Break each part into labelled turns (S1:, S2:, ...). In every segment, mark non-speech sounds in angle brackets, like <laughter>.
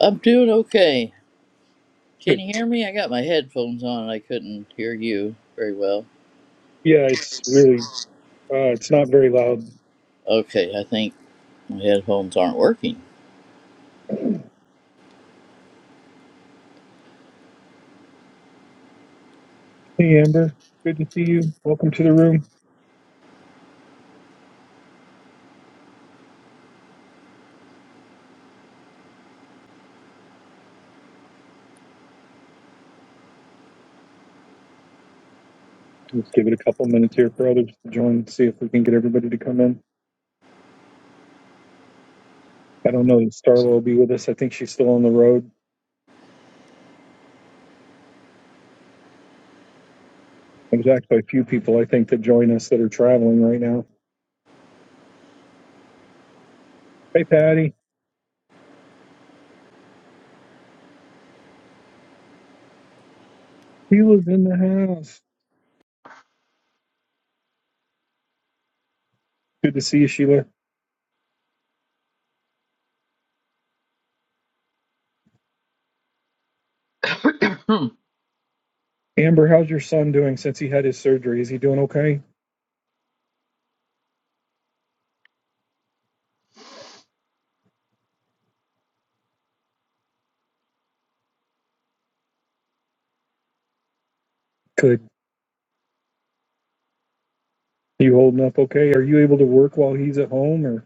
S1: I'm doing okay. Can you hear me? I got my headphones on and I couldn't hear you very well. Okay, I think my headphones aren't working.
S2: Just give it a couple minutes here for others to join, see if we can get everybody to come in. I don't know that Starla will be with us. I think she's still on the road. There's actually a few people I think that join us that are traveling right now. Hey, Patty. Sheila's in the house. Good to see you, Sheila.
S1: Hmm.
S2: Amber, how's your son doing since he had his surgery? Is he doing okay? Good. You holding up okay? Are you able to work while he's at home or do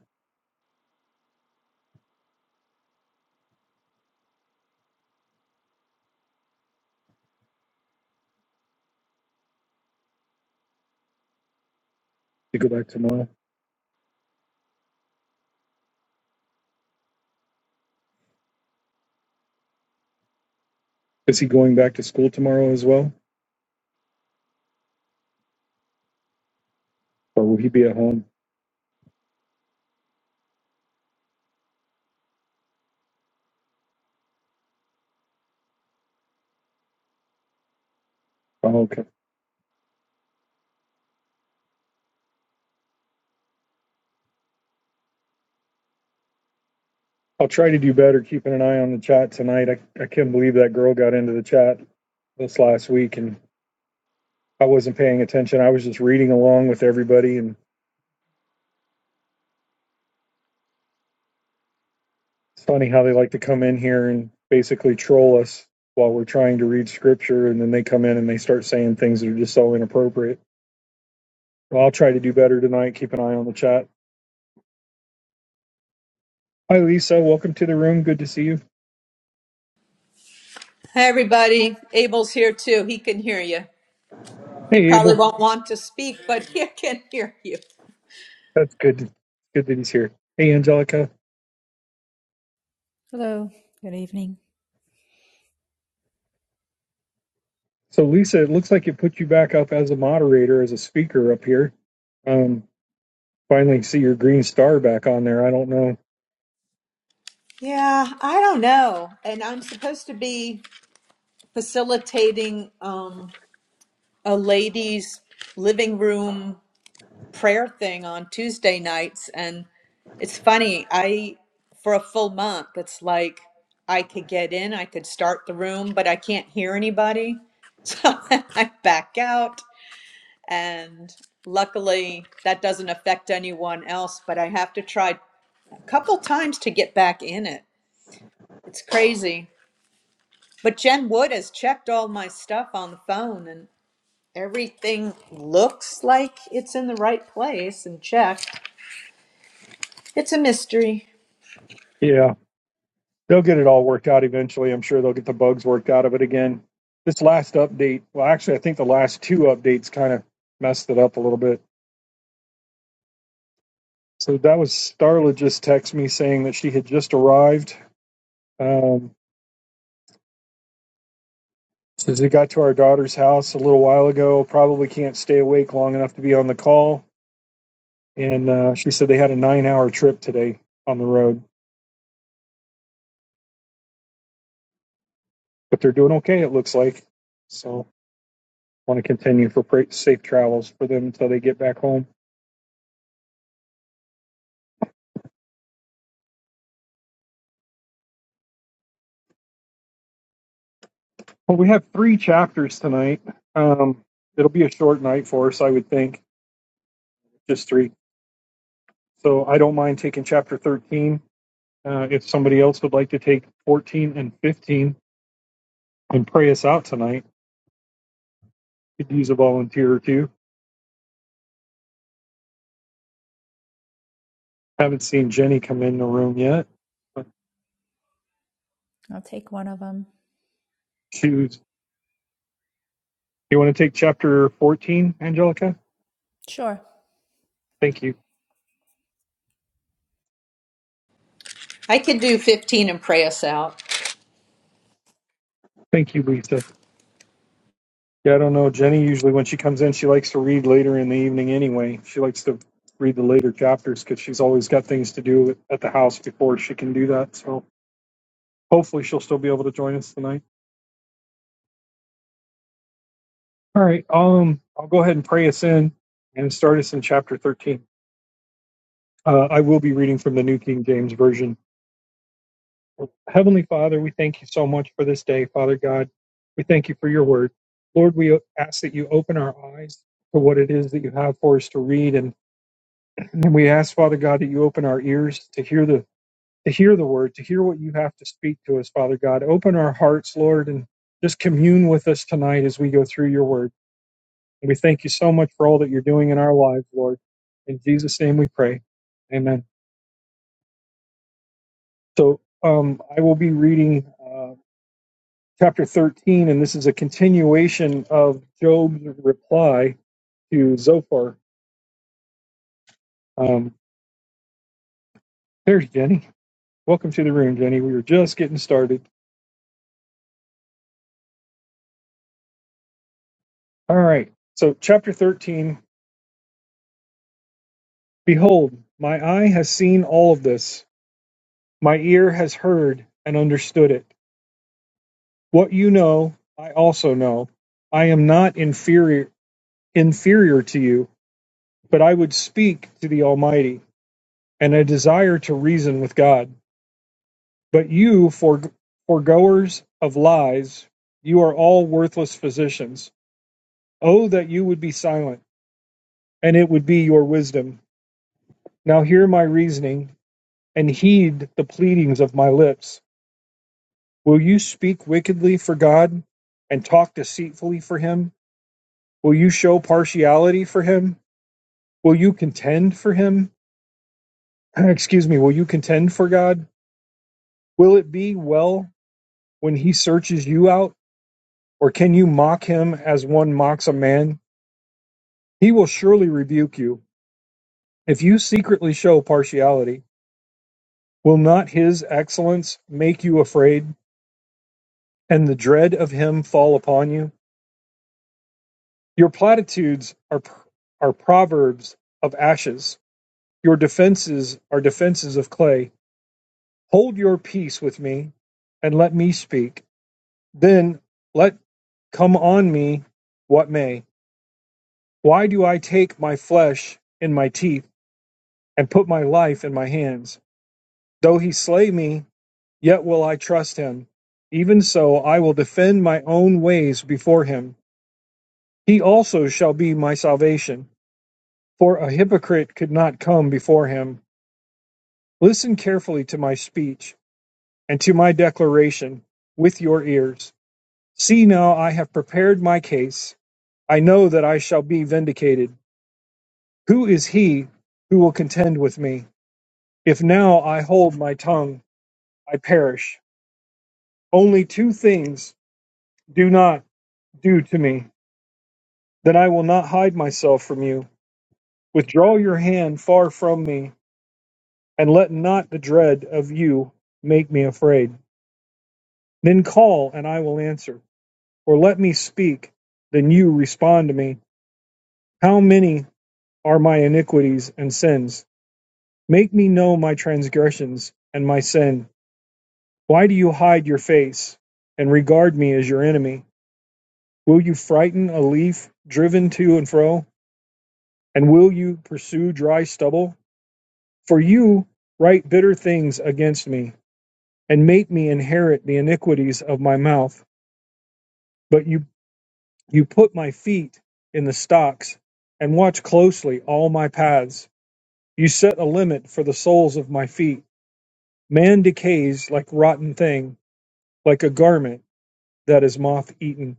S2: you go back tomorrow? Is he going back to school tomorrow as well? Or will he be at home? Oh, okay. I'll try to do better keeping an eye on the chat tonight. I, I can't believe that girl got into the chat this last week and I wasn't paying attention. I was just reading along with everybody and it's funny how they like to come in here and basically troll us while we're trying to read scripture and then they come in and they start saying things that are just so inappropriate. Well, I'll try to do better tonight. Keep an eye on the chat. Hi Lisa, welcome to the room. Good to see you.
S3: Hi, everybody. Abel's here too. He can hear you. He
S2: Hey
S3: probably
S2: Abel.
S3: won't want to speak, but <laughs> he can hear you.
S2: That's good. Good that he's here. Hey Angelica.
S4: Hello, good evening.
S2: So Lisa, it looks like it put you back up as a moderator, as a speaker up here. Um, finally see your green star back on there. I don't know.
S3: Yeah, I don't know. And I'm supposed to be facilitating um, a ladies' living room prayer thing on Tuesday nights. And it's funny, I, for a full month, it's like I could get in, I could start the room, but I can't hear anybody. <laughs> So I back out. And luckily, that doesn't affect anyone else, but I have to try a couple times to get back in it. It's crazy. But Jen Wood has checked all my stuff on the phone and everything looks like it's in the right place and checked. It's a mystery.
S2: Yeah, they'll get it all worked out eventually. I'm sure they'll get the bugs worked out of it again. This last update, well, actually, I think the last two updates kind of messed it up a little bit. So that was Starla just text me saying that she had just arrived. Um, says they got to our daughter's house a little while ago. Probably can't stay awake long enough to be on the call and uh, she said they had a nine-hour trip today on the road, but they're doing okay. It looks like. So want to continue for pra- safe travels for them until they get back home. Well, we have three chapters tonight. Um, it'll be a short night for us, I would think, just three. So I don't mind taking chapter thirteen. Uh, if somebody else would like to take fourteen and fifteen and pray us out tonight, could use a volunteer or two. Haven't seen Jenny come in the room yet. But
S4: I'll take one of them.
S2: she was- you want to take chapter fourteen, Angelica?
S4: Sure.
S2: Thank you.
S3: I could do 15 and pray us out.
S2: Thank you, Lisa. Yeah, I don't know. Jenny usually, when she comes in, she likes to read later in the evening anyway. She likes to read the later chapters because she's always got things to do at the house before she can do that. So hopefully she'll still be able to join us tonight. All right. Um, I'll go ahead and pray us in and start us in chapter 13. Uh, I will be reading from the New King James Version. Heavenly Father, we thank you so much for this day, Father God. We thank you for your word. Lord, we ask that you open our eyes to what it is that you have for us to read and And then we ask, Father God, that you open our ears to hear the to hear the word, to hear what you have to speak to us, Father God. Open our hearts, Lord, and just commune with us tonight as we go through your word. And we thank you so much for all that you're doing in our lives, Lord. In Jesus' name we pray. Amen. So um, I will be reading uh, chapter 13, and this is a continuation of Job's reply to Zophar. Um, there's Jenny. Welcome to the room, Jenny. We were just getting started. All right. So, chapter 13 Behold, my eye has seen all of this, my ear has heard and understood it. What you know, I also know. I am not inferior, inferior to you, but I would speak to the Almighty, and I desire to reason with God. But you, for, foregoers of lies, you are all worthless physicians. Oh, that you would be silent, and it would be your wisdom. Now hear my reasoning and heed the pleadings of my lips. Will you speak wickedly for God and talk deceitfully for him? Will you show partiality for him? Will you contend for him? <clears throat> Excuse me, will you contend for God? Will it be well when he searches you out? Or can you mock him as one mocks a man? He will surely rebuke you. If you secretly show partiality, will not his excellence make you afraid and the dread of him fall upon you? Your platitudes are are proverbs of ashes; your defences are defences of clay. Hold your peace with me, and let me speak; then let come on me what may. Why do I take my flesh in my teeth, and put my life in my hands? Though he slay me, yet will I trust him. Even so, I will defend my own ways before him. He also shall be my salvation, for a hypocrite could not come before him. Listen carefully to my speech and to my declaration with your ears. See now, I have prepared my case. I know that I shall be vindicated. Who is he who will contend with me? If now I hold my tongue, I perish. Only two things do not do to me. Then I will not hide myself from you. Withdraw your hand far from me, and let not the dread of you make me afraid. Then call, and I will answer. or let me speak, then you respond to me. How many are my iniquities and sins? Make me know my transgressions and my sin. Why do you hide your face and regard me as your enemy? Will you frighten a leaf driven to and fro? And will you pursue dry stubble? For you write bitter things against me and make me inherit the iniquities of my mouth. But you, you put my feet in the stocks and watch closely all my paths. You set a limit for the soles of my feet. Man decays like rotten thing, like a garment that is moth eaten.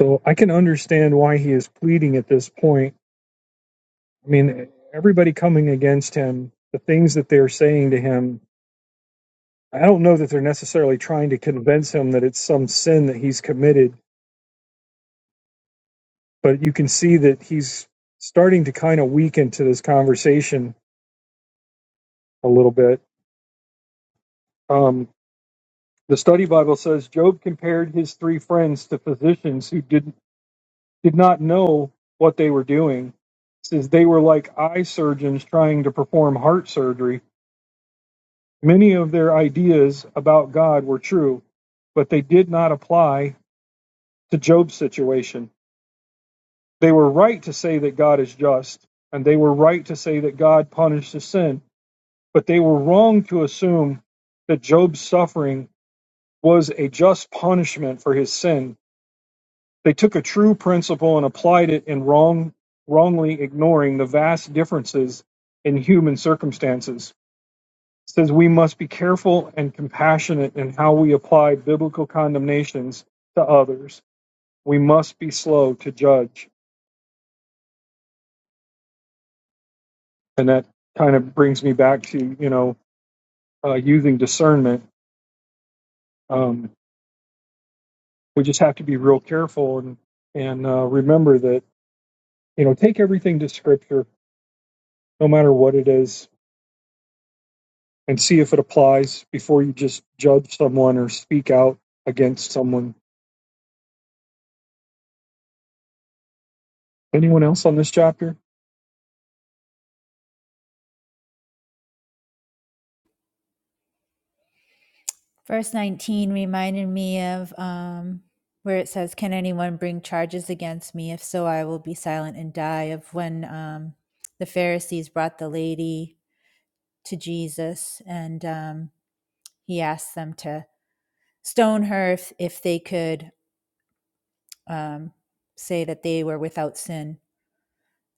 S2: So I can understand why he is pleading at this point. I mean, everybody coming against him, the things that they're saying to him, I don't know that they're necessarily trying to convince him that it's some sin that he's committed, but you can see that he's starting to kind of weaken to this conversation a little bit. Um, the study Bible says Job compared his three friends to physicians who did did not know what they were doing. It says they were like eye surgeons trying to perform heart surgery. Many of their ideas about God were true, but they did not apply to Job's situation. They were right to say that God is just, and they were right to say that God punishes sin, but they were wrong to assume that Job's suffering was a just punishment for his sin They took a true principle and applied it in wrong, wrongly ignoring the vast differences in human circumstances. It says we must be careful and compassionate in how we apply biblical condemnations to others. We must be slow to judge, and that kind of brings me back to you know uh, using discernment. Um, we just have to be real careful and and uh, remember that you know take everything to Scripture, no matter what it is and see if it applies before you just judge someone or speak out against someone. Anyone else on this chapter?
S4: Verse 19 reminded me of um, where it says, Can anyone bring charges against me? If so, I will be silent and die. Of when um, the Pharisees brought the lady to Jesus and um, he asked them to stone her if, if they could um, say that they were without sin.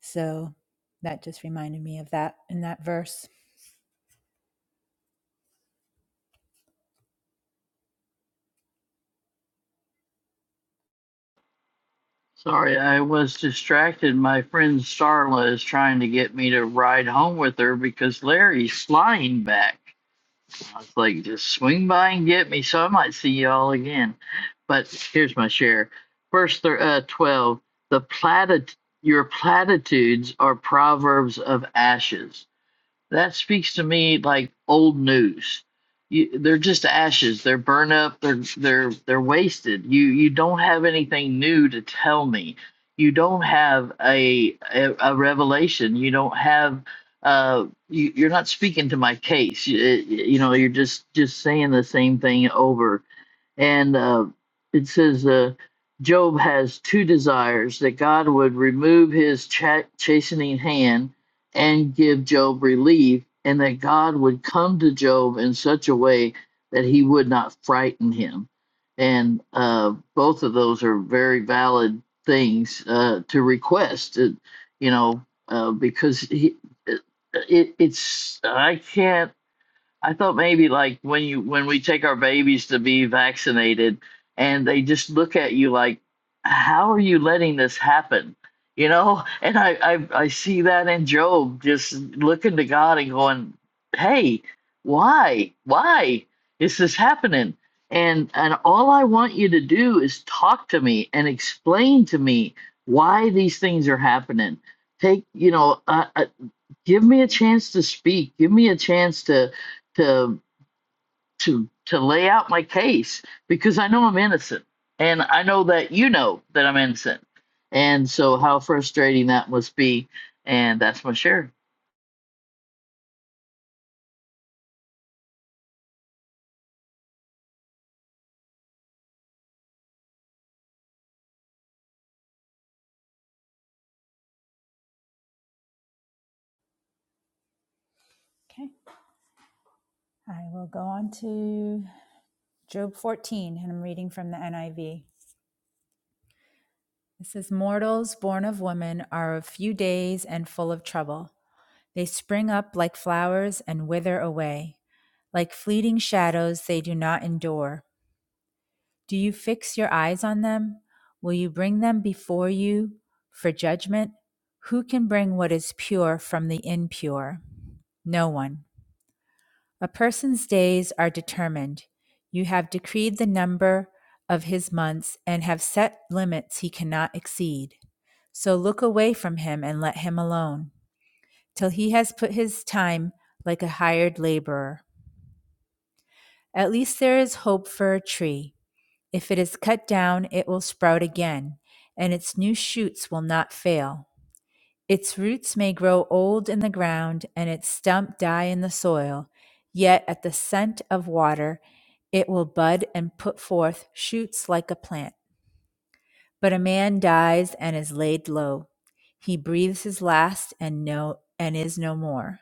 S4: So that just reminded me of that in that verse.
S1: Sorry, I was distracted. My friend Starla is trying to get me to ride home with her because Larry's flying back. I was like, just swing by and get me, so I might see y'all again. But here's my share. Verse thir- uh, 12 The platit- Your platitudes are proverbs of ashes. That speaks to me like old news. You, they're just ashes. They're burned up. They're they're they're wasted. You you don't have anything new to tell me. You don't have a a, a revelation. You don't have uh you, you're not speaking to my case. You, you know you're just just saying the same thing over and uh, it says uh, Job has two desires that God would remove his cha- chastening hand and give Job relief, and that God would come to Job in such a way that he would not frighten him. And uh, both of those are very valid things uh, to request, uh, you know, uh, because he, it, it's, I can't I thought maybe like when you when we take our babies to be vaccinated and they just look at you like, how are you letting this happen? You know, <laughs> and I I, I see that in Job just looking to God and going, hey, why why is this happening? And and all I want you to do is talk to me and explain to me why these things are happening. Take you know uh, uh, give me a chance to speak give me a chance to to to to lay out my case because i know i'm innocent and i know that you know that i'm innocent and so how frustrating that must be and that's my share
S4: Okay. I will go on to Job 14, and I'm reading from the NIV. It says, Mortals born of woman are of few days and full of trouble. They spring up like flowers and wither away. Like fleeting shadows, they do not endure. Do you fix your eyes on them? Will you bring them before you for judgment? Who can bring what is pure from the impure? No one. A person's days are determined. You have decreed the number of his months and have set limits he cannot exceed. So look away from him and let him alone till he has put his time like a hired laborer. At least there is hope for a tree. If it is cut down, it will sprout again, and its new shoots will not fail. Its roots may grow old in the ground and its stump die in the soil, yet at the scent of water it will bud and put forth shoots like a plant. But a man dies and is laid low. He breathes his last and no and is no more.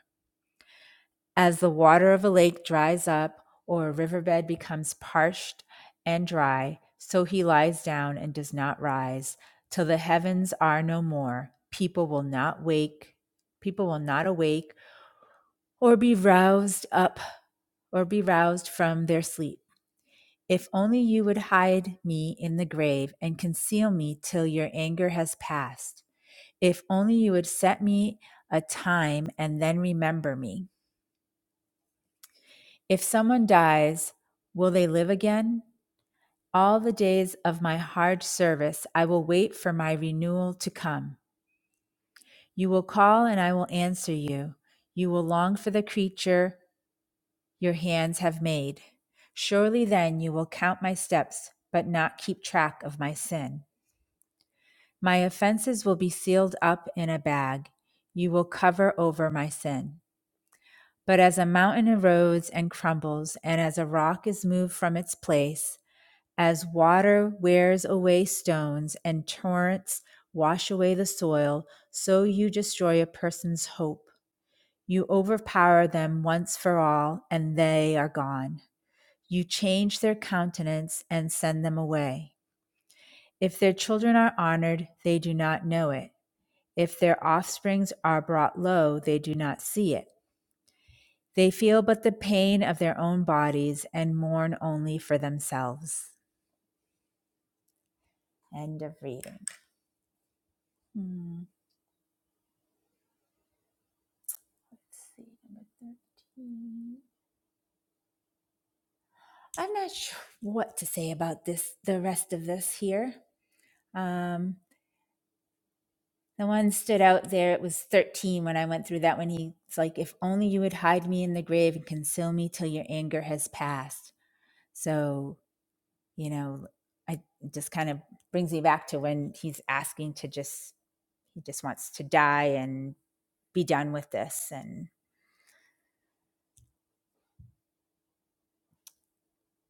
S4: As the water of a lake dries up or a riverbed becomes parched and dry, so he lies down and does not rise till the heavens are no more. People will not wake, people will not awake or be roused up or be roused from their sleep. If only you would hide me in the grave and conceal me till your anger has passed. If only you would set me a time and then remember me. If someone dies, will they live again? All the days of my hard service I will wait for my renewal to come. You will call and I will answer you. You will long for the creature your hands have made. Surely then you will count my steps, but not keep track of my sin. My offenses will be sealed up in a bag. You will cover over my sin. But as a mountain erodes and crumbles, and as a rock is moved from its place, As water wears away stones and torrents wash away the soil, so you destroy a person's hope. You overpower them once for all, and they are gone. You change their countenance and send them away. If their children are honored, they do not know it. If their offsprings are brought low, they do not see it. They feel but the pain of their own bodies and mourn only for themselves. End of reading. Hmm. Let's see, number 13. I'm not sure what to say about this, the rest of this here. Um, the one stood out there, it was 13 when I went through that one. He's like, If only you would hide me in the grave and conceal me till your anger has passed. So, you know, I it just kind of brings me back to when he's asking to just, he just wants to die and be done with this. and.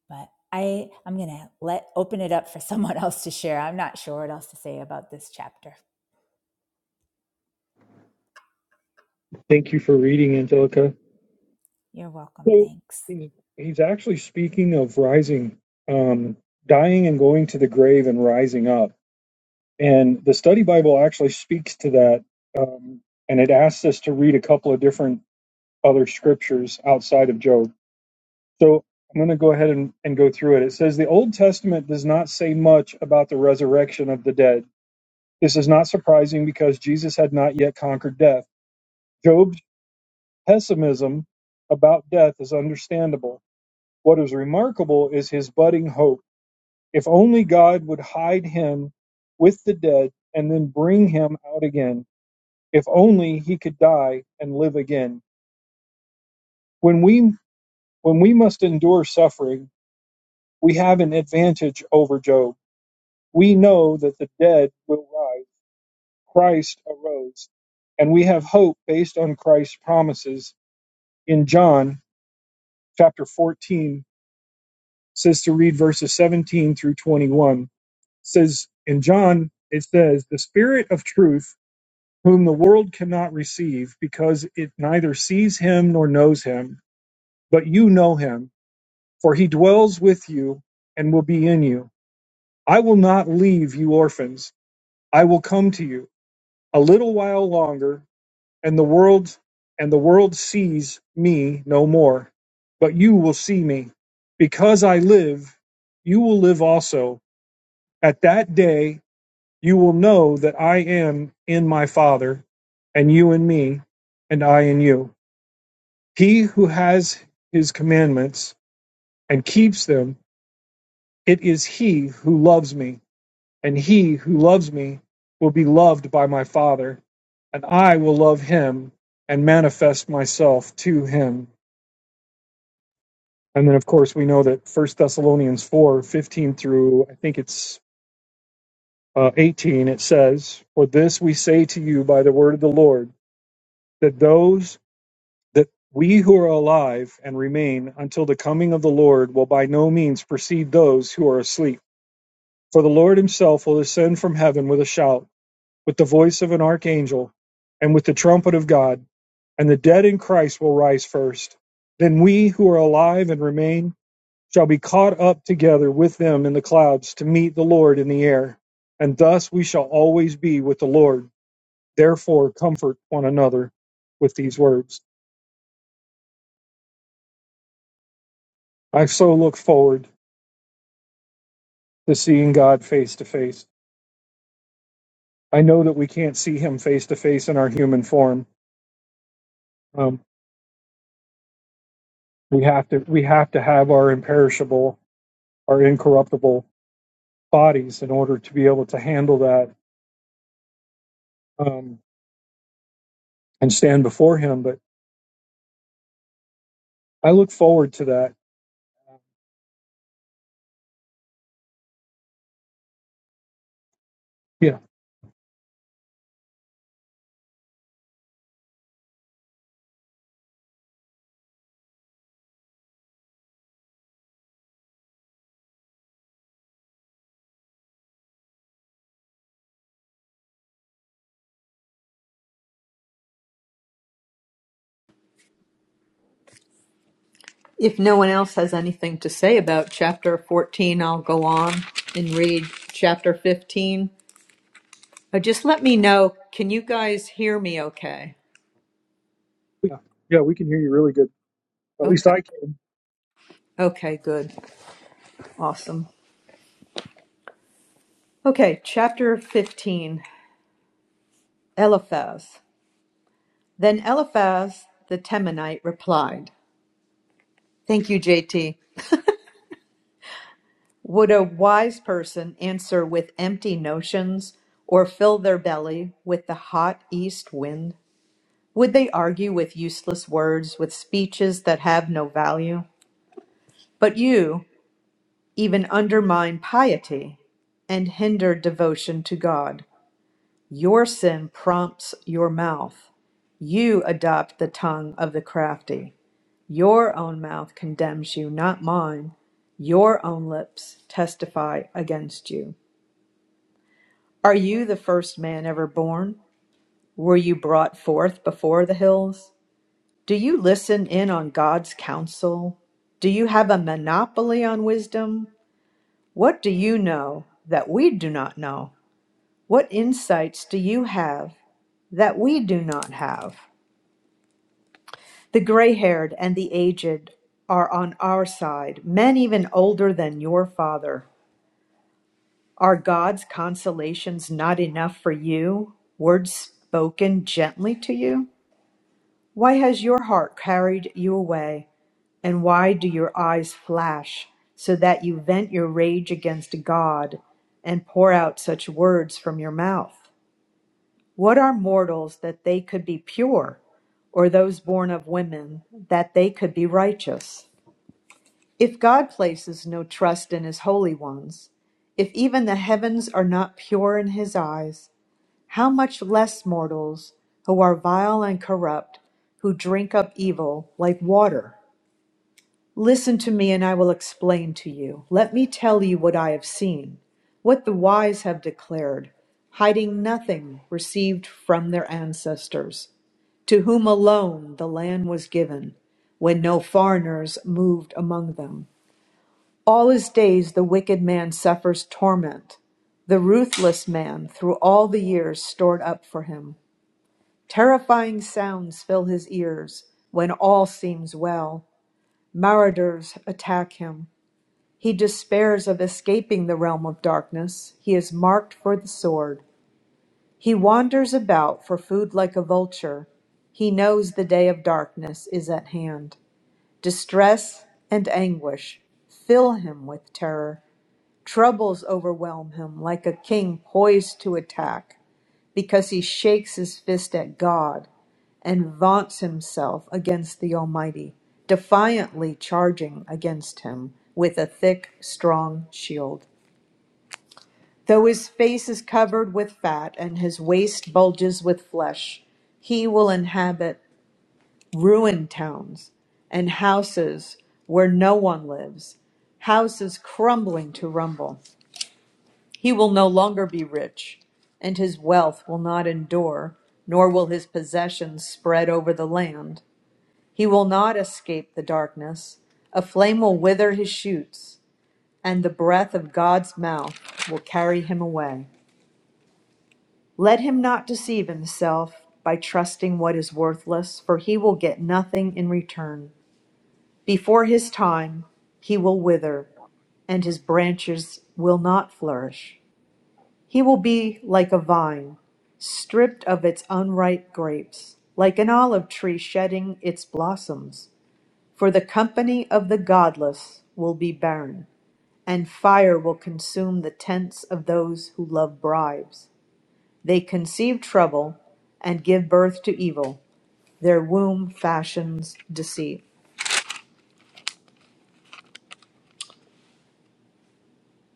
S4: but I I'm gonna let open it up for <laughs> someone else to share. I'm not sure what else to say about this chapter.
S2: Thank you for reading, Angelica.
S4: You're welcome.
S2: So
S4: Thanks.
S2: he's actually speaking of rising, um, dying and going to the grave and rising up. And the study Bible actually speaks to that. Um, and it asks us to read a couple of different other scriptures outside of Job. So I'm going to go ahead and, and go through it. It says the Old Testament does not say much about the resurrection of the dead This is not surprising because Jesus had not yet conquered death. Job's pessimism about death is understandable. What is remarkable is his budding hope. If only God would hide him with the dead and then bring him out again. If only he could die and live again. When we when we must endure suffering, we have an advantage over Job. We know that the dead will rise. Christ arose, and we have hope based on Christ's promises in John chapter 14 says to read verses 17 through 21. Says in John, it says, The Spirit of truth, whom the world cannot receive, because it neither sees him nor knows him, but you know him, for he dwells with you and will be in you. I will not leave you orphans. I will come to you. A little while longer, and the world and the world sees me no more but you will see me because i live you will live also at that day you will know that i am in my father and you in me and i in you he who has his commandments and keeps them it is he who loves me and he who loves me will be loved by my father and i will love him and manifest myself to him And then, of course, we know that First Thessalonians 4 15 through I think it's uh, 18, it says, For this we say to you by the word of the Lord, that those that we who are alive and remain until the coming of the Lord will by no means precede those who are asleep. For the Lord himself will descend from heaven with a shout, with the voice of an archangel, and with the trumpet of God, and the dead in Christ will rise first. Then we who are alive and remain, shall be caught up together with them in the clouds to meet the Lord in the air. And thus we shall always be with the Lord. Therefore, comfort one another with these words. I so look forward to seeing God face to face. I know that we can't see Him face to face in our human form. Um, we have to we have to have our imperishable, our incorruptible bodies in order to be able to handle that um, and stand before Him. But I look forward to that. Yeah,
S3: If no one else has anything to say about chapter 14, I'll go on and read chapter 15. But just let me know. Can you guys hear me okay?
S2: yeah, yeah. We can hear you really good. At least
S3: Okay.
S2: I can.
S3: Okay, good. Awesome. Okay, chapter 15 Eliphaz. Then Eliphaz the Temanite replied, Thank you, JT. Would a wise person answer with empty notions or fill their belly with the hot east wind? Would they argue with useless words, with speeches that have no value? But you even undermine piety and hinder devotion to God. Your sin prompts your mouth. You adopt the tongue of the crafty. Your own mouth condemns you, not mine. Your own lips testify against you. Are you the first man ever born? Were you brought forth before the hills? Do you listen in on God's counsel? Do you have a monopoly on wisdom? What do you know that we do not know? What insights do you have that we do not have? The gray haired and the aged are on our side, men even older than your father. Are God's consolations not enough for you? Words spoken gently to you? Why has your heart carried you away? And why do your eyes flash so that you vent your rage against God and pour out such words from your mouth? What are mortals that they could be pure, or those born of women that they could be righteous? If God places no trust in his holy ones, if even the heavens are not pure in his eyes, how much less mortals who are vile and corrupt, who drink up evil like water? Listen to me, and I will explain to you. Let me tell you what I have seen, what the wise have declared, hiding nothing received from their ancestors to whom alone the land was given, when no foreigners moved among them. All his days the wicked man suffers torment, the ruthless man, through all the years stored up for him. Terrifying sounds fill his ears when all seems well. Marauders attack him. He despairs of escaping the realm of darkness. He is marked for the sword. He wanders about for food like a vulture. He knows the day of darkness is at hand. Distress and anguish fill him with terror. Troubles overwhelm him like a king poised to attack, because he shakes his fist at God and vaunts himself against the Almighty, defiantly charging against him with a thick, strong shield. Though his face is covered with fat and his waist bulges with flesh, he will inhabit ruined towns and houses where no one lives, houses crumbling to rumble. He will no longer be rich, and his wealth will not endure, nor will his possessions spread over the land. He will not escape the darkness. A flame will wither his shoots, and the breath of God's mouth will carry him away. Let him not deceive himself by trusting what is worthless, for he will get nothing in return. Before his time, he will wither, and his branches will not flourish. He will be like a vine, stripped of its unripe grapes, like an olive tree shedding its blossoms. For the company of the godless will be barren, and fire will consume the tents of those who love bribes. They conceive trouble and give birth to evil. Their womb fashions deceit.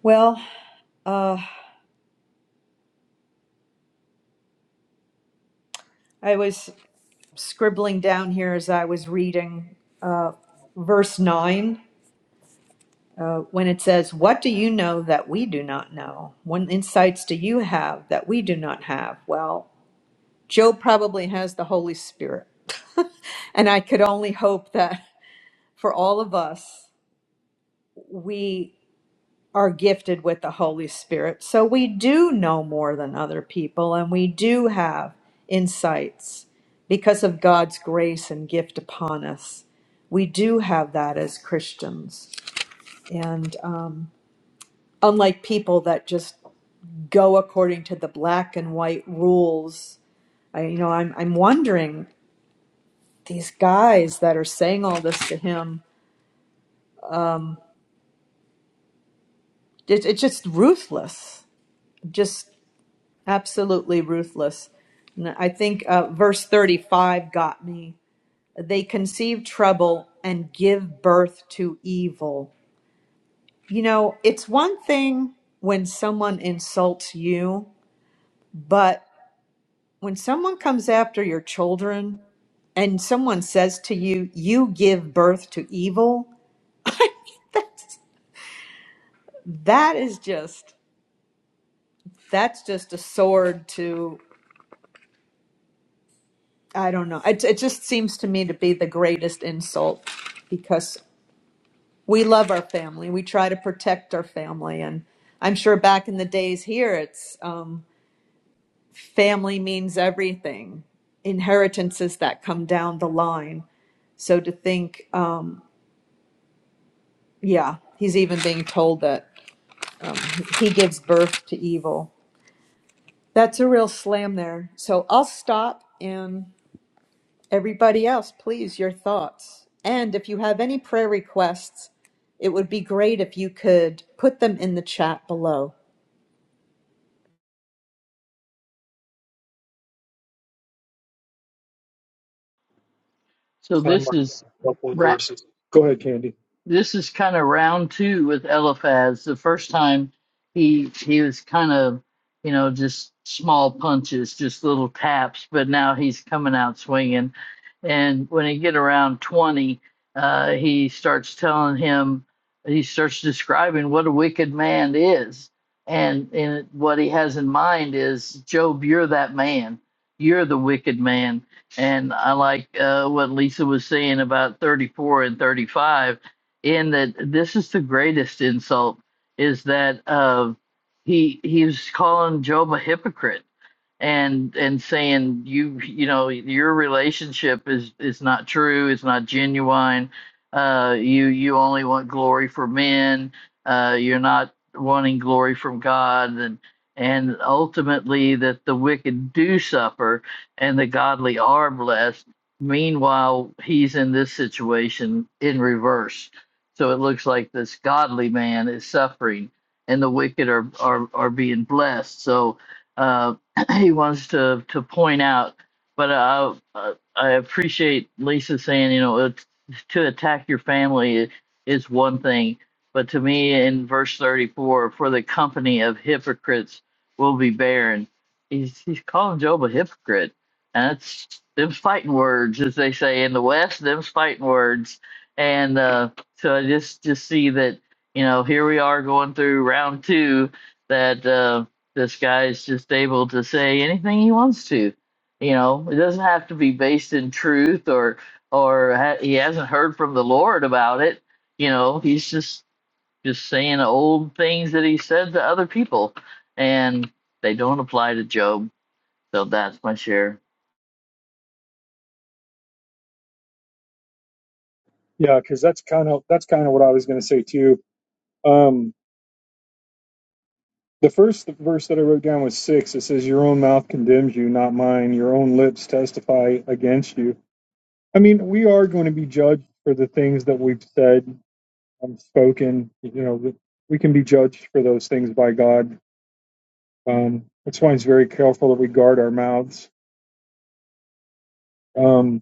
S3: Well, uh, I was scribbling down here as I was reading uh, verse 9 uh, when it says, What do you know that we do not know? What insights do you have that we do not have? Well, Joe probably has the Holy Spirit. <laughs> and I could only hope that <laughs> for all of us, we are gifted with the Holy Spirit. So we do know more than other people and we do have insights because of God's grace and gift upon us. We do have that as Christians. And um, unlike people that just go according to the black and white rules. I, you know, I'm I'm wondering these guys that are saying all this to him. It, it's just ruthless, just absolutely ruthless. And I think uh, verse 35 got me. They conceive trouble and give birth to evil. You know, it's one thing when someone insults you, but when someone comes after your children and someone says to you you give birth to evil that's, that is just that's just a sword to i don't know it, it just seems to me to be the greatest insult because we love our family we try to protect our family and i'm sure back in the days here it's um, family means everything inheritances that come down the line so to think um, Yeah, he's even being told that he gives birth to evil. That's a real slam there. So I'll stop and everybody else, please, your thoughts. And if you have any prayer requests, it would be great if you could put them in the chat below.
S1: so
S2: So I
S1: this
S2: marked
S1: is
S2: a couple of
S1: Ra-
S2: verses. Go ahead, Candy.
S1: this is kind of round two with Eliphaz. The first time he he was kind of you know just small punches, just little taps, but now he's coming out swinging. And when he get around twenty, uh, he starts telling him he starts describing what a wicked man is, and and what he has in mind is Job, you're that man. You're the wicked man, and I like uh, what Lisa was saying about 34 and 35 in that this is the greatest insult is that uh, he he's calling Job a hypocrite and and saying you you know your relationship is is not true it's not genuine uh you you only want glory for men uh you're not wanting glory from god and and ultimately that the wicked do suffer and the godly are blessed meanwhile he's in this situation in reverse so it looks like this godly man is suffering and the wicked are are, are being blessed so Uh, <laughs> he wants to to point out. But uh, uh, I appreciate Lisa saying, you know, it's, to attack your family is one thing, but to me, in verse thirty-four, for the company of hypocrites will be barren. He's he's calling Job a hypocrite, and that's them's fighting words, as they say in the West. Them's fighting words, and uh, so I just just see that you know here we are going through round two that. Uh, this guy is just able to say anything he wants to. You know, it doesn't have to be based in truth or or ha- he hasn't heard from the Lord about it. You know, he's just just saying old things that he said to other people, and they don't apply to Job. So that's my share.
S2: Yeah, because that's kind of that's kind of what I was going to say too. Um, the first verse that I wrote down was six. It says, "Your own mouth condemns you, not mine. Your own lips testify against you." I mean, we are going to be judged for the things that we've said and spoken. You know, we can be judged for those things by God. Um, that's why it's very careful that we guard our mouths. Um,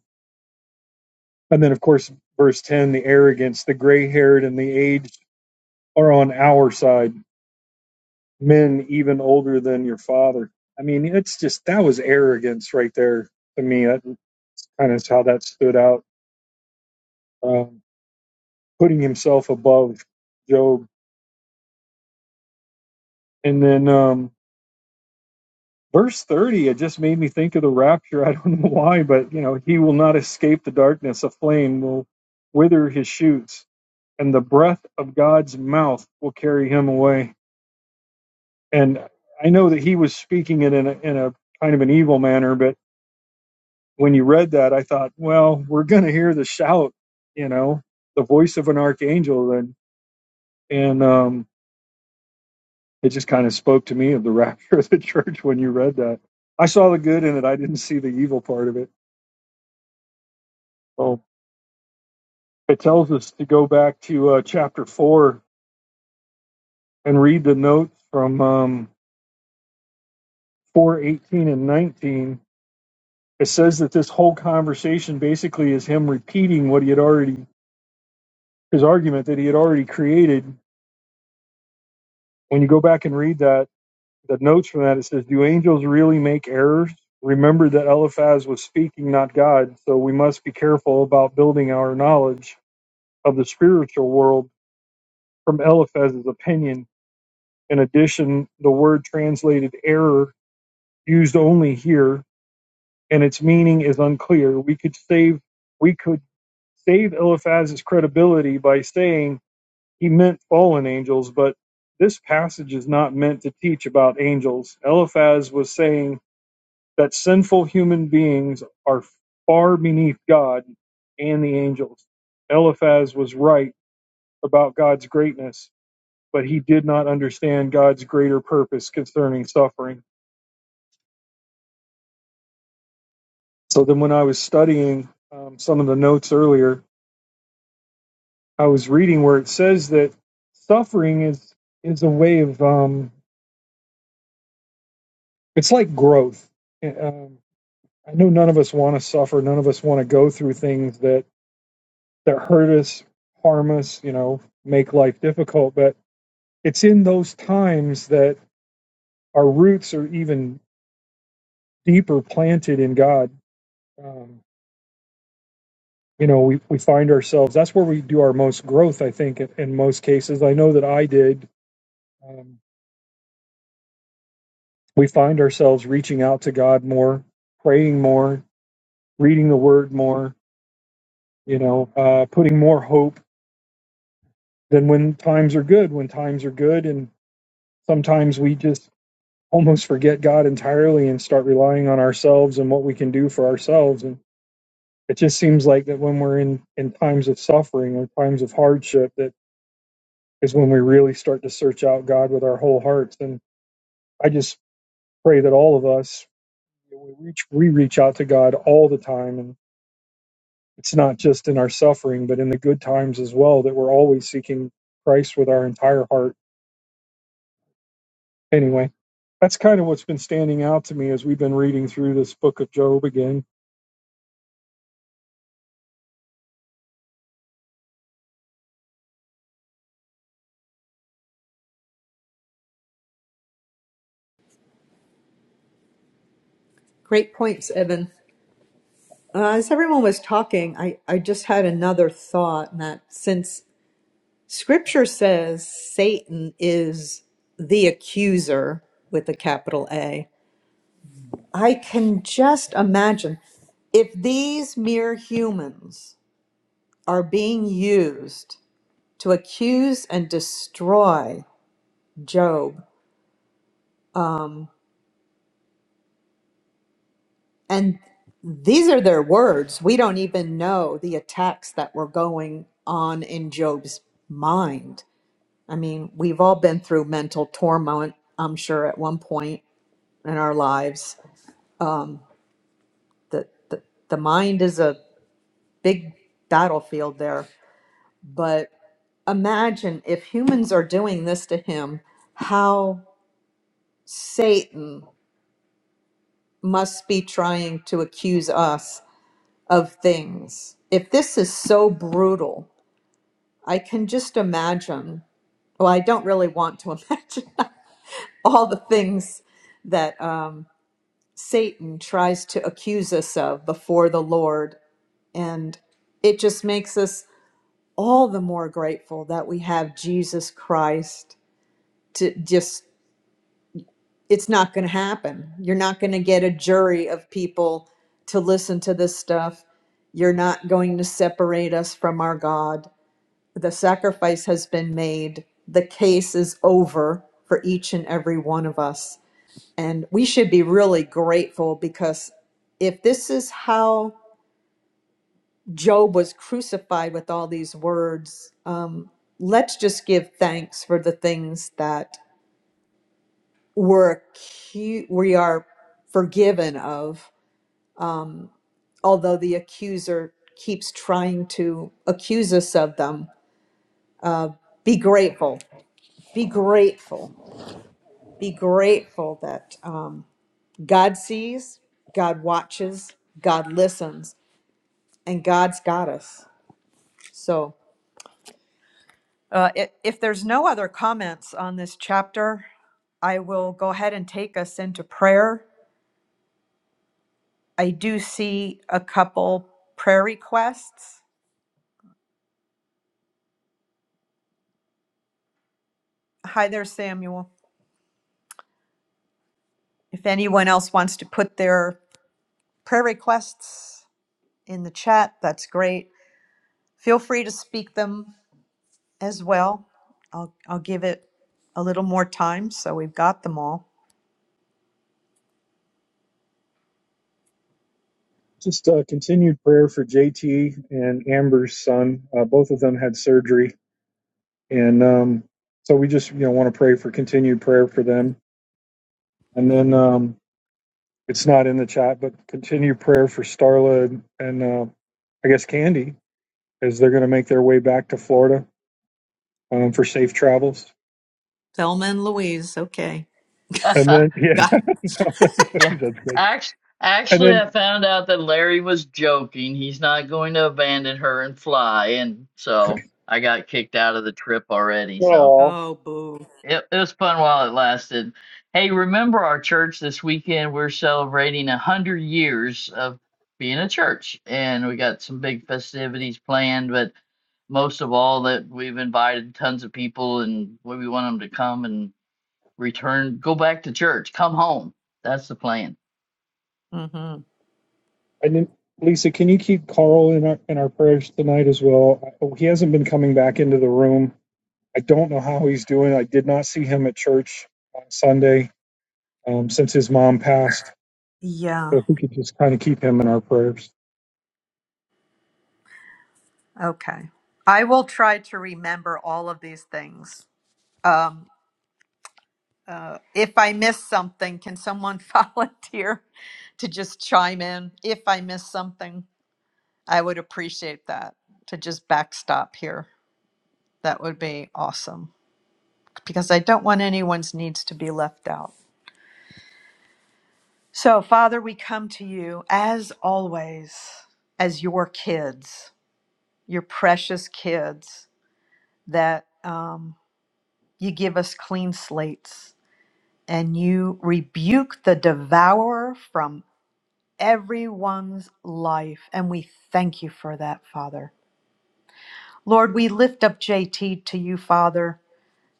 S2: and then, of course, verse ten: the arrogance, the gray-haired, and the aged. are on our side, men even older than your father. I mean, it's just that was arrogance right there to me. That kind of how that stood out, um, putting himself above Job. And then um, verse 30, it just made me think of the rapture. <laughs> I don't know why, but you know, he will not escape the darkness. A flame will wither his shoots, and the breath of God's mouth will carry him away. And I know that he was speaking it in a, in a kind of an evil manner, but when you read that, I thought, well, we're going to hear the shout, you know, the voice of an archangel, and and um, it just kind of spoke to me of the <laughs> rapture of the church when you read that. I saw the good in it. I didn't see the evil part of it. So it tells us to go back to uh, chapter four and read the notes from um, four eighteen and nineteen. It says that this whole conversation basically is him repeating what he had already his argument that he had already created. When you go back and read that the notes from that it says, "Do angels really make errors?" Remember that Eliphaz was speaking, not God, so we must be careful about building our knowledge of the spiritual world from Eliphaz's opinion. In addition, the word translated "error" used only here, and its meaning is unclear. We could save we could save Eliphaz's credibility by saying he meant fallen angels, but this passage is not meant to teach about angels. Eliphaz was saying that sinful human beings are far beneath God and the angels. Eliphaz was right about God's greatness, but he did not understand God's greater purpose concerning suffering. So then, when I was studying um, some of the notes earlier, I was reading where it says that suffering is is a way of um, it's like growth. Eh, Um, I know none of us want to suffer. None of us want to go through things that that hurt us, harm us, you know, make life difficult. But it's in those times that our roots are even deeper planted in God. Um, you know, we, we find ourselves, that's where we do our most growth, I think, in, in most cases. I know that I did. Um, we find ourselves reaching out to God more, praying more, reading the word more, you know, uh, putting more hope than when times are good. When times are good and sometimes we just almost forget God entirely and start relying on ourselves and what we can do for ourselves. And it just seems like that when we're in, in times of suffering or times of hardship, that is when we really start to search out God with our whole hearts. And I just pray that all of us we reach we reach out to God all the time and it's not just in our suffering, but in the good times as well, that we're always seeking Christ with our entire heart. Anyway, that's kind of what's been standing out to me as we've been reading through this book of Job again
S3: Great points, Evan. Uh, as everyone was talking, I, I just had another thought and that since scripture says Satan is the accuser with a capital A, I can just imagine if these mere humans are being used to accuse and destroy Job, and these are their words, we don't even know the attacks that were going on in Job's mind. I mean, we've all been through mental torment, I'm sure, at one point in our lives. The, the, the mind is a big battlefield there. But imagine if humans are doing this to him, how Satan must be trying to accuse us of things. If this is so brutal, I can just imagine. Well, I don't really want to <laughs> imagine all the things that um, Satan tries to accuse us of before the Lord. And it just makes us all the more grateful that we have Jesus Christ to just it's not going to happen. You're not going to get a jury of people to listen to this stuff. You're not going to separate us from our God. The sacrifice has been made. The case is over for each and every one of us. And we should be really grateful because if this is how Job was crucified with all these words, um, let's just give thanks for the things that we're acu- we are forgiven of although the accuser keeps trying to accuse us of them, be grateful. Be grateful. Be grateful that um, God sees, God watches, God listens, and God's got us. So, uh, if, if there's no other comments on this chapter, I will go ahead and take us into prayer. I do see a couple prayer requests. Hi there, Samuel. If anyone else wants to put their prayer requests in the chat. That's great. Feel free to speak them as well. I'll, I'll give it a little more time so we've got them all.
S2: Just uh, continued prayer for JT and Amber's son. Uh, both of them had surgery, and um, so we just you know want to pray for continued prayer for them. And then um, it's not in the chat, but continued prayer for Starla and uh, I guess Candy as they're going to make their way back to Florida um, for safe travels.
S3: Thelma and Louise. Okay.
S2: And then
S1: <laughs>
S2: yeah,
S3: Got.
S2: <laughs>
S1: yeah,
S2: that's great.
S1: actually,
S2: And
S1: actually,
S2: then
S1: I found out that Larry was joking. He's not going to abandon her and fly, and
S2: Okay.
S1: so I got kicked out of the trip already. So.
S2: Oh,
S3: Oh, boo.
S1: It, it was fun while it lasted. Hey, remember our church this weekend? We're celebrating a hundred years of being a church, and we got some big festivities planned. But most of all, that we've invited tons of people, and we we want them to come and return, go back to church, come home. That's the plan.
S3: Mm-hmm.
S2: and then Lisa, can you keep Carl in our in our prayers tonight as well? Oh, He hasn't been coming back into the room. I don't know how he's doing. I did not see him at church on Sunday um, since his mom passed.
S3: Yeah.
S2: So if we could just kind of keep him in our prayers.
S3: Okay. I will try to remember all of these things. Um, uh, if I miss something, can someone <laughs> volunteer to just chime in? If I miss something, I would appreciate that to just backstop here. That would be awesome because I don't want anyone's needs to be left out. So, Father, we come to you as always, as your kids, your precious kids, that um, you give us clean slates and you rebuke the devourer from everyone's life. And we thank you for that, Father. Lord, we lift up JT to you, Father.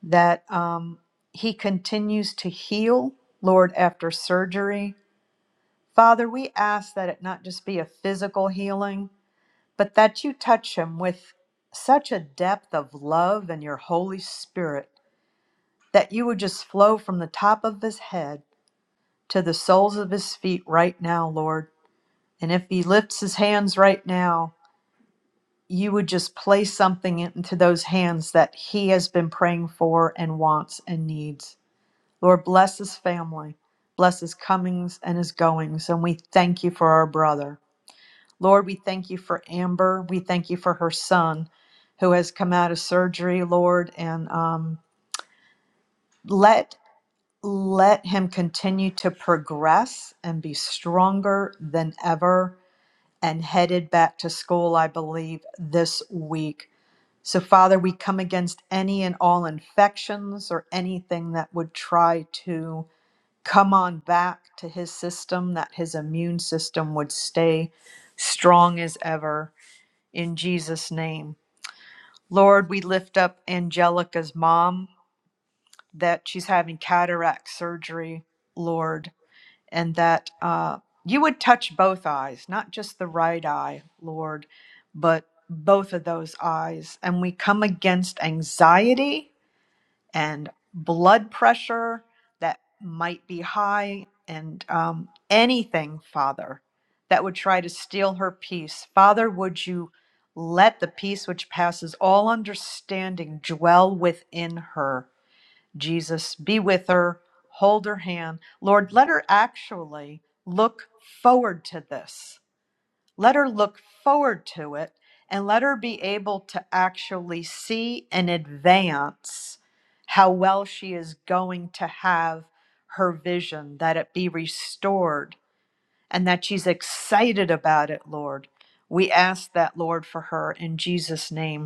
S3: that um, he continues to heal, Lord, after surgery. Father, we ask that it not just be a physical healing, but that you touch him with such a depth of love and your Holy Spirit that you would just flow from the top of his head to the soles of his feet right now, Lord. And if he lifts his hands right now, you would just place something into those hands that he has been praying for and wants and needs. Lord, bless his family, bless his comings and his goings, and we thank you for our brother. Lord, we thank you for Amber. We thank you for her son who has come out of surgery, Lord, and um, let let him continue to progress and be stronger than ever and headed back to school, I believe, this week. So, Father, we come against any and all infections or anything that would try to come on back to his system, that his immune system would stay strong as ever in Jesus' name. Lord, we lift up Angelica's mom that she's having cataract surgery, Lord, and that uh, you would touch both eyes, not just the right eye, Lord, but both of those eyes. And we come against anxiety and blood pressure that might be high and um, anything, Father, that would try to steal her peace. Father, would you let the peace which passes all understanding dwell within her? Jesus, be with her, hold her hand. Lord, let her actually look forward to this let her look forward to it and let her be able to actually see in advance how well she is going to have her vision, that it be restored and that she's excited about it, Lord. We ask that, Lord, for her in Jesus' name.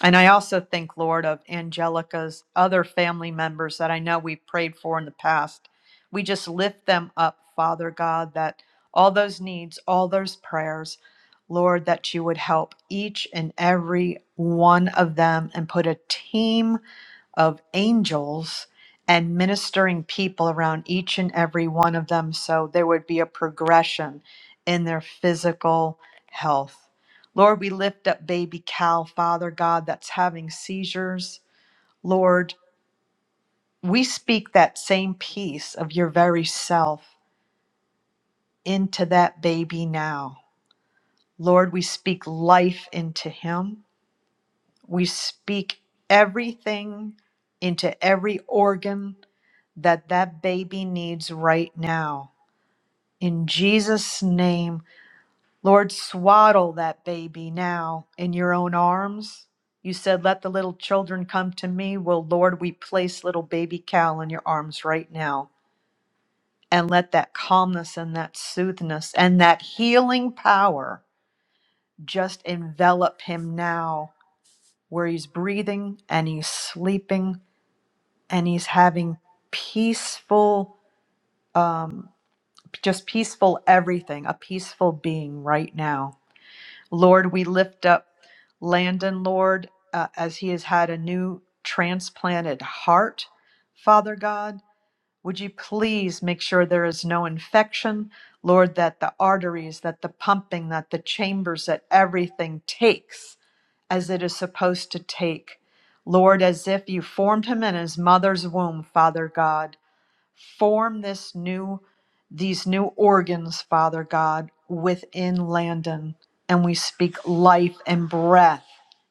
S3: And I also think, Lord, of Angelica's other family members that I know we've prayed for in the past. We just lift them up, Father God, that all those needs, all those prayers, Lord, that you would help each and every one of them and put a team of angels and ministering people around each and every one of them. So there would be a progression in their physical health. Lord, we lift up baby Cal, Father God, that's having seizures. Lord, we speak that same peace of your very self into that baby now. Lord, we speak life into him. We speak everything into every organ that that baby needs right now. In Jesus' name, Lord, swaddle that baby now in your own arms. You said, Let the little children come to me. Well, Lord, we place little baby Cal in your arms right now. And let that calmness and that soothness and that healing power just envelop him now, where he's breathing and he's sleeping and he's having peaceful um, just peaceful everything, a peaceful being right now. Lord, we lift up Landon, Lord, uh, as he has had a new transplanted heart. Father God, would you please make sure there is no infection? Lord, that the arteries, that the pumping, that the chambers, that everything takes as it is supposed to take. Lord, as if you formed him in his mother's womb, Father God. Form this new, these new organs, Father God, within Landon. And we speak life and breath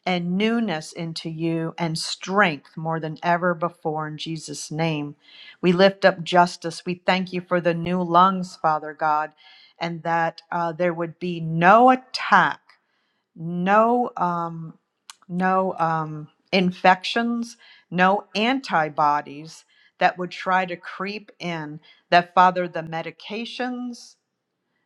S3: and newness into you and strength more than ever before in Jesus' name. We lift up justice. We thank you for the new lungs, Father God, and that uh, there would be no attack no um, no um, infections, no antibodies that would try to creep in. That, Father, the medications,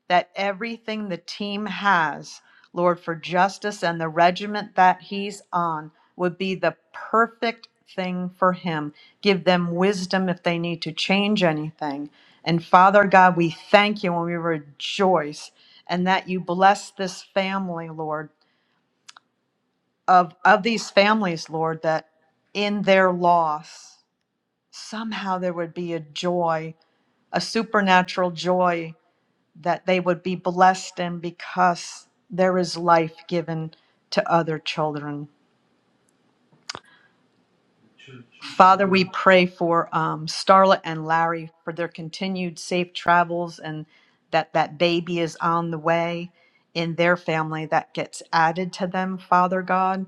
S3: that everything the team has, Lord, for justice and the regiment that he's on would be the perfect thing for him. Give them wisdom if they need to change anything. And Father God, we thank you and we rejoice and that you bless this family, Lord of of these families, Lord, that in their loss somehow there would be a joy, a supernatural joy that they would be blessed in because there is life given to other children. Father, we pray for um, Starla and Larry for their continued safe travels and that that baby is on the way in their family that gets added to them, Father God.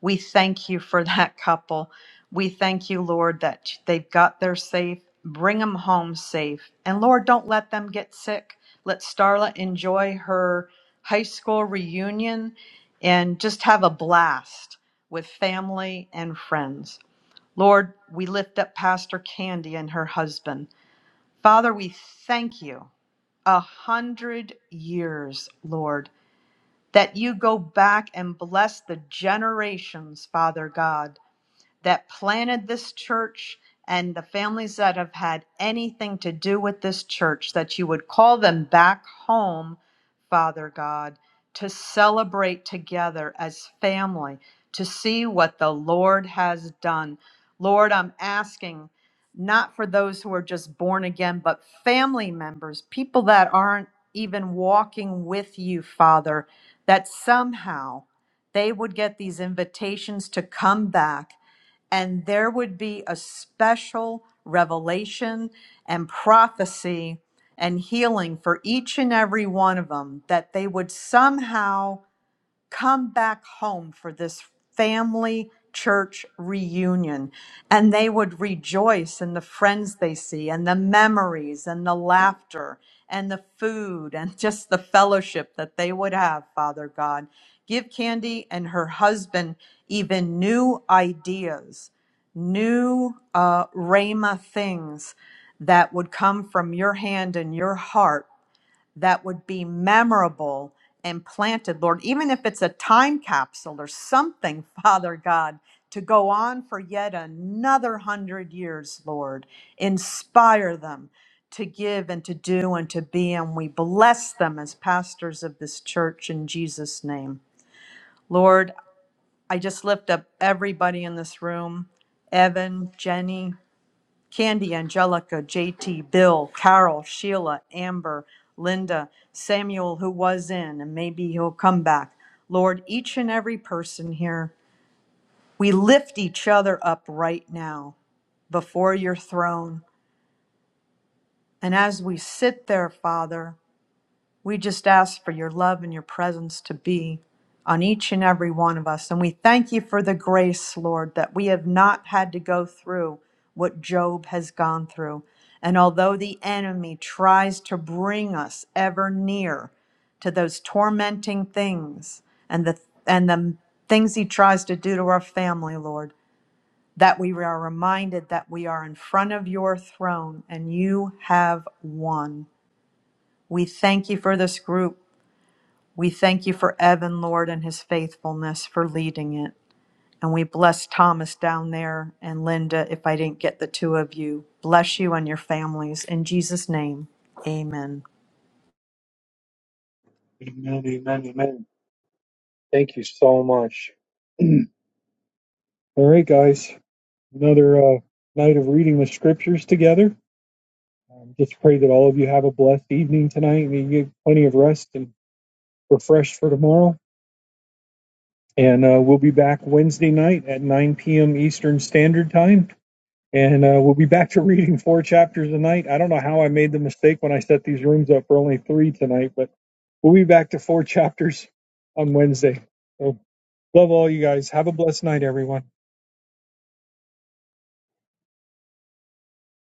S3: We thank you for <laughs> that couple. We thank you, Lord, that they've got there safe. Bring them home safe. And Lord, don't let them get sick. Let Starla enjoy her high school reunion and just have a blast with family and friends. Lord, we lift up Pastor Candy and her husband. Father, we thank you a hundred years, Lord, that you go back and bless the generations, Father God that planted this church and the families that have had anything to do with this church, that you would call them back home, Father God, to celebrate together as family, to see what the Lord has done. Lord, I'm asking not for those who are just born again, but family members, people that aren't even walking with you, Father, that somehow they would get these invitations to come back and there would be a special revelation and prophecy and healing for each and every one of them that they would somehow come back home for this family church reunion and they would rejoice in the friends they see and the memories and the laughter and the food and <laughs> just the fellowship that they would have father god give candy and her husband even new ideas new uh rhema things that would come from your hand and your heart that would be memorable and planted, Lord, even if it's a time capsule or something, <laughs> Father God, to go on for yet another hundred years, Lord. Inspire them to give and to do and to be, and we bless them as pastors of this church in Jesus' name. Lord, I just lift up everybody in this room Evan, Jenny, Candy, Angelica, JT, Bill, Carol, Sheila, Amber, Linda, Samuel, who was in, and maybe he'll come back. Lord, each and every person here, we lift each other up right now before your throne. And as we sit there, Father, we just ask for your love and your presence to be on each and every one of us. And we thank you for the grace, Lord, that we have not had to go through what Job has gone through. And although the enemy tries to bring us ever near to those tormenting things and the and the things he tries to do to our family, Lord, that we are reminded that we are in front of your throne and you have won. We thank you for this group. We thank you for Evan, Lord, and his faithfulness for leading it. And we bless Thomas down there and Linda, if I didn't get the two of you. Bless you and your families. In Jesus' name, amen.
S2: Thank you so much. All right, guys. Another uh, night of reading the scriptures together. Um, just pray that all of you have a blessed evening tonight and you get plenty of rest and refreshed for tomorrow. And uh, we'll be back Wednesday night at 9 p.m. Eastern Standard Time. And uh, we'll be back to reading four chapters a night. I don't know how I made the mistake when I set these rooms up for only three tonight, but we'll be back to four <laughs> chapters on Wednesday. So love all you guys. Have a blessed night, everyone.